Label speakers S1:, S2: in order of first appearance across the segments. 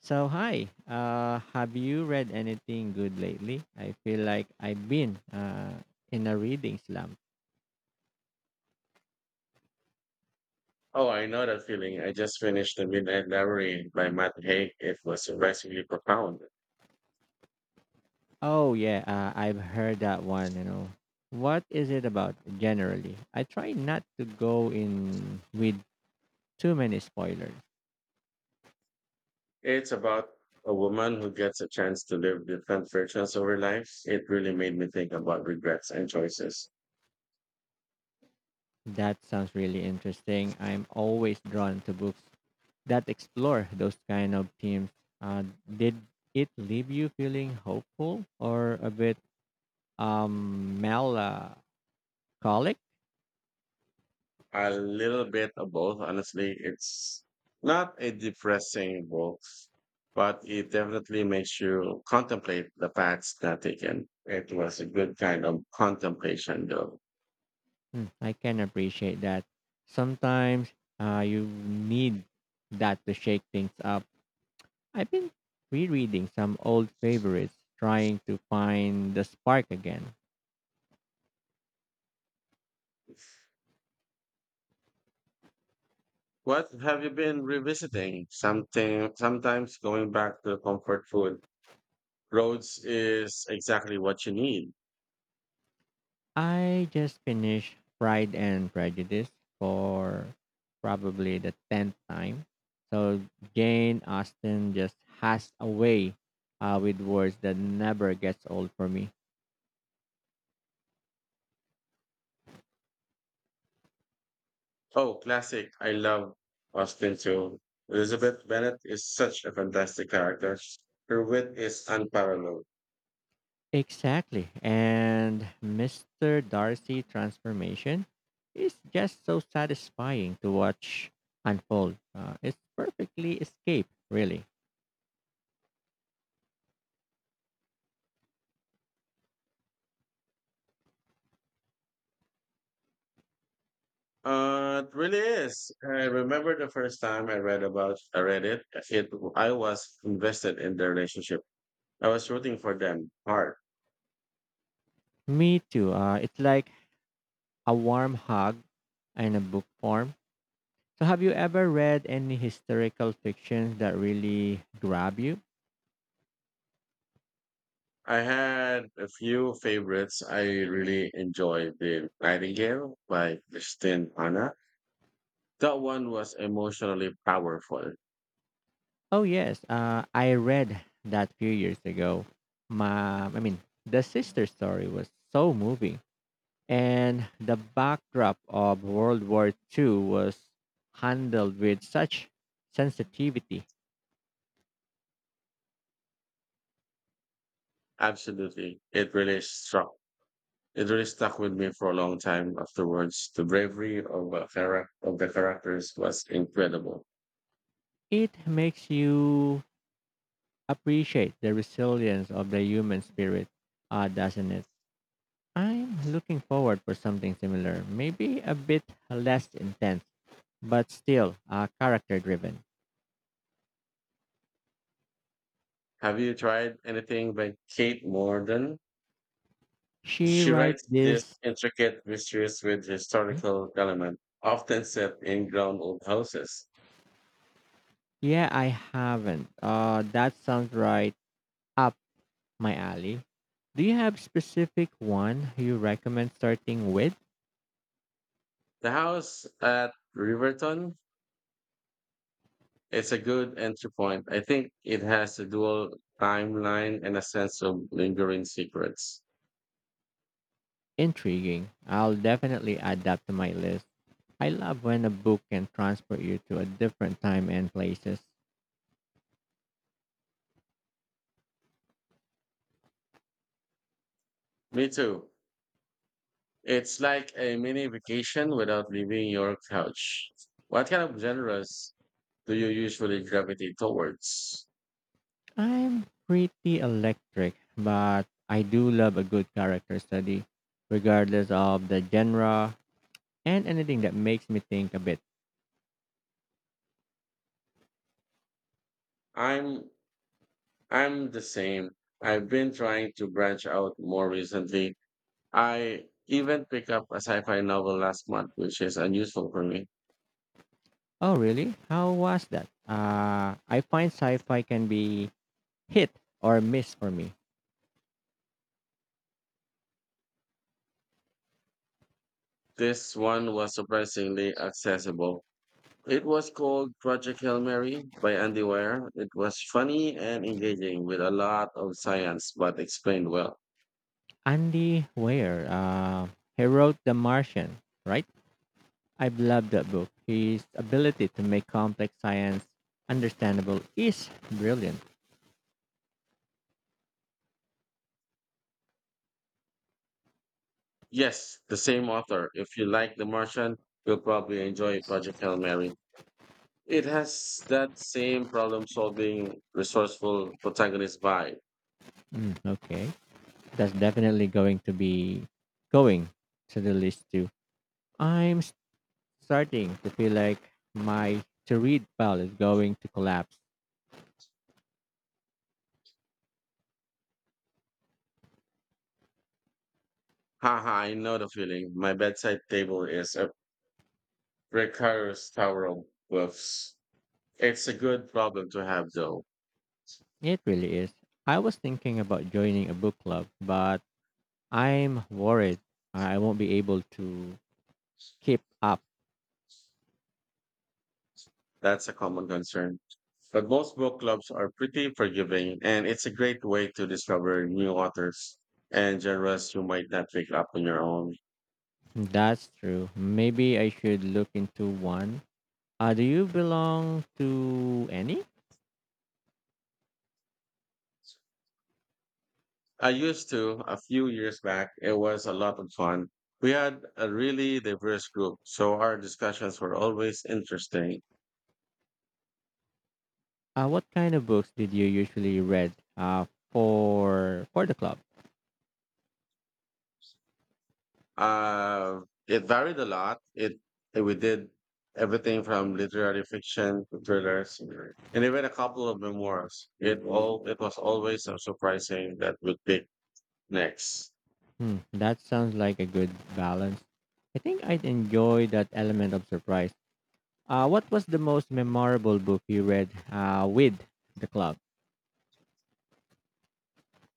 S1: So hi, have you read anything good lately? I feel like I've been in a reading slump.
S2: Oh, I know that feeling. I just finished The Midnight Library by Matt Haig. It was surprisingly profound.
S1: Oh yeah, I've heard that one. You know, what is it about generally? I try not to go in with too many spoilers.
S2: It's about a woman who gets a chance to live different versions of her life. It really made me think about regrets and choices.
S1: That sounds really interesting. I'm always drawn to books that explore those kind of themes. Did it leave you feeling hopeful or a bit melancholic?
S2: A little bit of both, honestly. It's not a depressing book, but it definitely makes you contemplate the paths not taken. It was a good kind of contemplation, though.
S1: Mm, I can appreciate that. Sometimes you need that to shake things up. I've been rereading some old favorites, trying to find the spark again.
S2: What have you been revisiting? Something sometimes going back to comfort food. Roads is exactly what you need.
S1: I just finished Pride and Prejudice for probably the 10th time. So Jane Austen just has a way with words that never gets old for me.
S2: Oh, classic. I love Austin too. Elizabeth Bennet is such a fantastic character. Her wit is unparalleled.
S1: Exactly. And Mr. Darcy transformation is just so satisfying to watch unfold. It's perfectly escape, really.
S2: It really is. I remember the first time I read it. I was invested in the relationship. I was rooting for them hard.
S1: Me too. It's like a warm hug in a book form. So have you ever read any historical fiction that really grab you?
S2: I had a few favorites. I really enjoyed The Nightingale by Christine Hanna. That one was emotionally powerful.
S1: Oh yes, I read that few years ago. I mean, the sister story was so moving. And the backdrop of World War II was handled with such sensitivity.
S2: Absolutely. It really struck. It really stuck with me for a long time afterwards. The bravery of, of the characters was incredible.
S1: It makes you appreciate the resilience of the human spirit, doesn't it? I'm looking forward for something similar, maybe a bit less intense, but still character driven.
S2: Have you tried anything by Kate Morden?
S1: She
S2: She
S1: write
S2: writes this
S1: this.
S2: intricate mysteries with historical element, often set in ground old houses.
S1: Yeah, I haven't. That sounds right up my alley. Do you have specific one you recommend starting with?
S2: The house at Riverton is a good entry point. I think it has a dual timeline and a sense of lingering secrets.
S1: Intriguing. I'll definitely add that to my list. I love when a book can transport you to a different time and places.
S2: Me too. It's like a mini vacation without leaving your couch. What kind of genres do you usually gravitate towards?
S1: I'm pretty electric, but I do love a good character study, regardless of the genre and anything that makes me think a bit.
S2: I'm I'm the same. I've been trying to branch out more recently. I even picked up a sci-fi novel last month, which is unusual for me.
S1: Oh, really? How was that? I find sci fi can be hit or miss for me.
S2: This one was surprisingly accessible. It was called Project Hail Mary by Andy Weir. It was funny and engaging with a lot of science, but explained well.
S1: Andy Weir, he wrote The Martian, right? I've loved that book. His ability to make complex science understandable is brilliant.
S2: Yes, the same author. If you like The Martian, you'll probably enjoy Project Hail Mary. It has that same problem solving, resourceful protagonist vibe.
S1: Mm, okay, that's definitely going to be going to the list too. I'm starting to feel like my to read pile is going to collapse.
S2: Haha, I know the feeling. My bedside table is a precarious tower of books. It's a good problem to have, though.
S1: It really is. I was thinking about joining a book club, but I'm worried I won't be able to keep up.
S2: That's a common concern. But most book clubs are pretty forgiving, and it's a great way to discover new authors and genres you might not pick up on your own.
S1: That's true. Maybe I should look into one. Do you belong to any?
S2: I used to a few years back. It was a lot of fun. We had a really diverse group, so our discussions were always interesting.
S1: What kind of books did you usually read for the club?
S2: Uh, it varied a lot. It we did everything from literary fiction to thrillers, and even a couple of memoirs. It was always so surprising that would pick next.
S1: Hmm, that sounds like a good balance. I think I'd enjoy that element of surprise. What was the most memorable book you read with the club?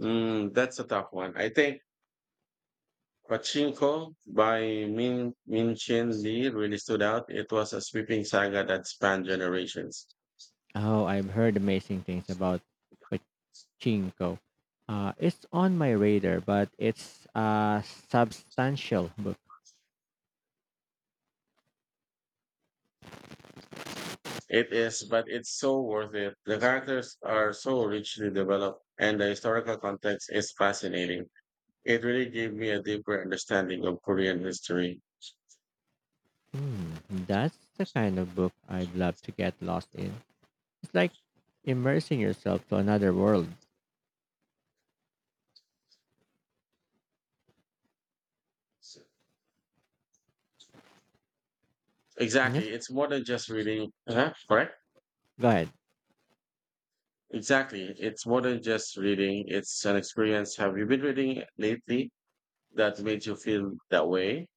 S2: Mm, that's a tough one. I think Pachinko by Min Chin Lee really stood out. It was a sweeping saga that spanned generations.
S1: Oh, I've heard amazing things about Pachinko. It's on my radar, but it's a substantial book.
S2: It is, but it's so worth it. The characters are so richly developed, and the historical context is fascinating. It really gave me a deeper understanding of Korean history.
S1: Hmm, that's the kind of book I'd love to get lost in. It's like immersing yourself to another world. Yes.
S2: Exactly. It's more than just reading. Uh-huh, correct?
S1: Go ahead.
S2: Exactly. It's more than just reading. It's an experience. Have you been reading lately that made you feel that way?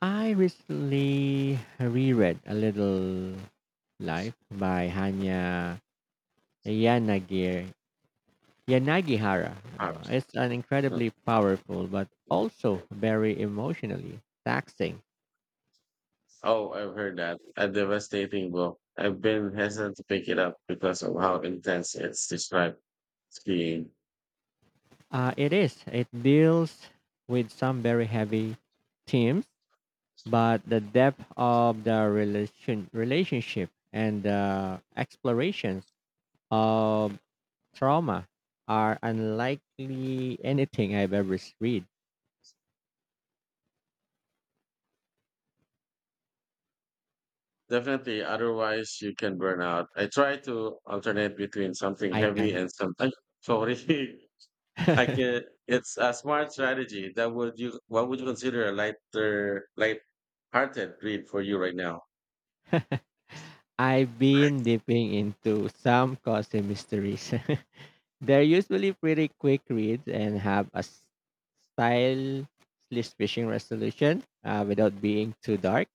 S1: I recently reread A Little Life by Yanagir, Yanagihara.
S2: Absolutely.
S1: It's an incredibly powerful but also very emotionally taxing.
S2: Oh, I've heard that. A devastating book. I've been hesitant to pick it up because of how intense it's described skiing.
S1: It is. It deals with some very heavy themes but the depth of the relationship and the explorations of trauma are unlikely anything I've ever read.
S2: Definitely, otherwise you can burn out. I try to alternate between something
S1: I
S2: heavy
S1: can.
S2: and something. Sorry, I can. It's a smart strategy. That would you? What would you consider a lighter, light-hearted read for you right now?
S1: I've been dipping into some cozy mysteries. They're usually pretty quick reads and have a style slash fishing resolution without being too dark.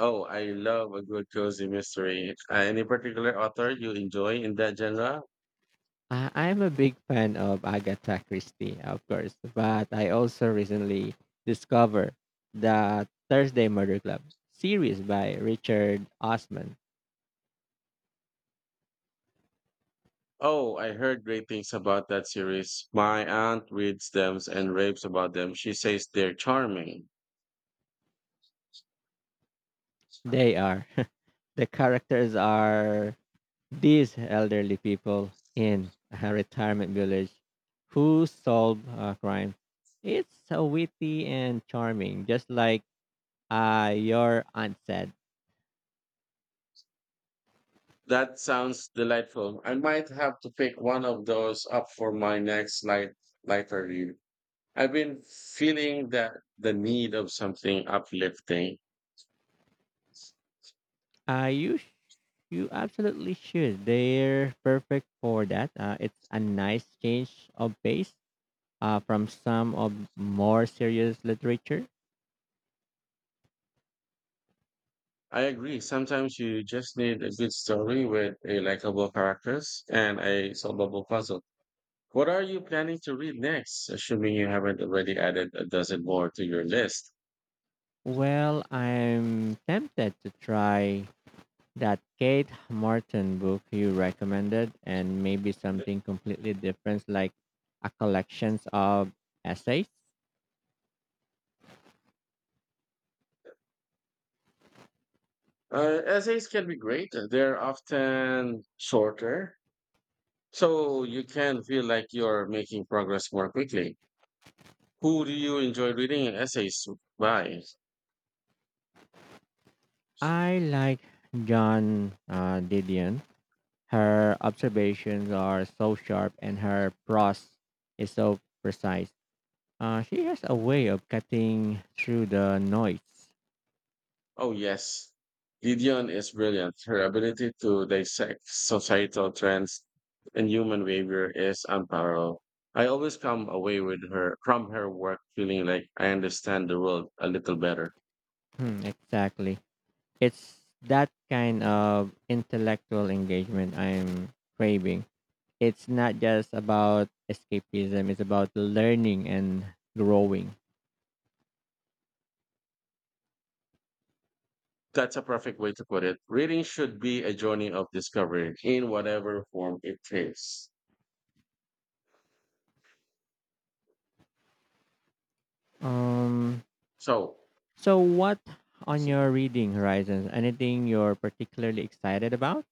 S2: Oh, I love a good cozy mystery. Any particular author you enjoy in that genre?
S1: I'm a big fan of Agatha Christie, of course, but I also recently discovered the Thursday Murder Club series by Richard Osman.
S2: Oh, I heard great things about that series. My aunt reads them and raves about them. She says they're charming.
S1: They are, the characters are these elderly people in a retirement village who solve crime. It's so witty and charming, just like your aunt said.
S2: That sounds delightful. I might have to pick one of those up for my next lighter read. I've been feeling that the need of something uplifting.
S1: Are you You absolutely should. They're perfect for that. It's a nice change of pace from some of more serious literature.
S2: I agree. Sometimes you just need a good story with a likable characters and a solvable puzzle. What are you planning to read next, assuming you haven't already added a dozen more to your list?
S1: Well, I'm tempted to try that Kate Martin book you recommended and maybe something completely different like a collections of essays.
S2: Essays can be great. They're often shorter, so you can feel like you're making progress more quickly. Who do you enjoy reading essays by?
S1: I like John Didion. Her observations are so sharp and her prose is so precise. She has a way of cutting through the noise.
S2: Oh, yes. Gideon is brilliant. Her ability to dissect societal trends and human behavior is unparalleled. I always come away with her from her work feeling like I understand the world a little better.
S1: Hmm, exactly. It's that kind of intellectual engagement I'm craving. It's not just about escapism, it's about learning and growing.
S2: That's a perfect way to put it. Reading should be a journey of discovery in whatever form it takes.
S1: Um,
S2: So,
S1: so, what on
S2: so
S1: your reading horizons? Anything you're particularly excited about?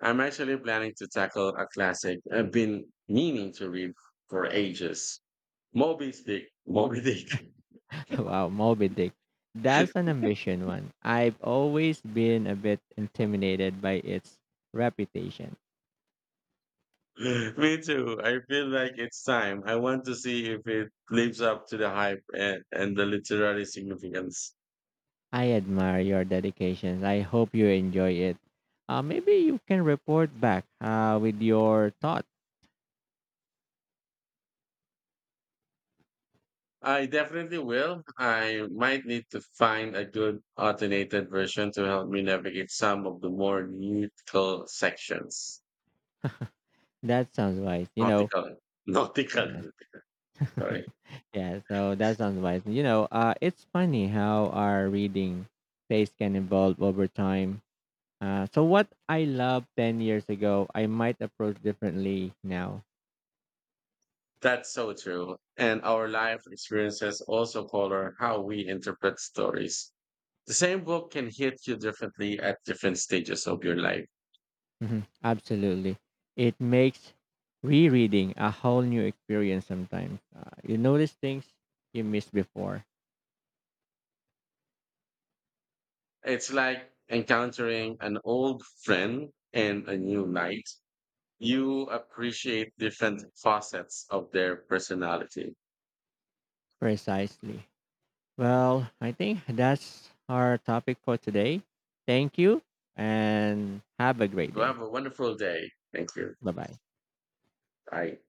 S2: I'm actually planning to tackle a classic I've been meaning to read for ages. Moby Dick. Moby Dick.
S1: Wow, Moby Dick. That's an ambition one. I've always been a bit intimidated by its reputation.
S2: Me too. I feel like it's time. I want to see if it lives up to the hype and the literary significance.
S1: I admire your dedication. I hope you enjoy it. Maybe you can report back with your thought.
S2: I definitely will. I might need to find a good alternated version to help me navigate some of the more nautical sections.
S1: That sounds wise.
S2: Nautical.
S1: Uh,
S2: Nautical. Sorry.
S1: yeah. So that sounds wise. You know, it's funny how our reading taste can evolve over time. So what I loved 10 years ago, I might approach differently now.
S2: That's so true. And our life experiences also color how we interpret stories. The same book can hit you differently at different stages of your life.
S1: Mhm, absolutely, it makes rereading a whole new experience. Sometimes you notice things you missed before.
S2: It's like encountering an old friend in a new light. You appreciate different facets of their personality.
S1: Precisely. Well, I think that's our topic for today. Thank you and have a great
S2: You
S1: day.
S2: have a wonderful day. Thank you.
S1: Bye bye.
S2: Bye.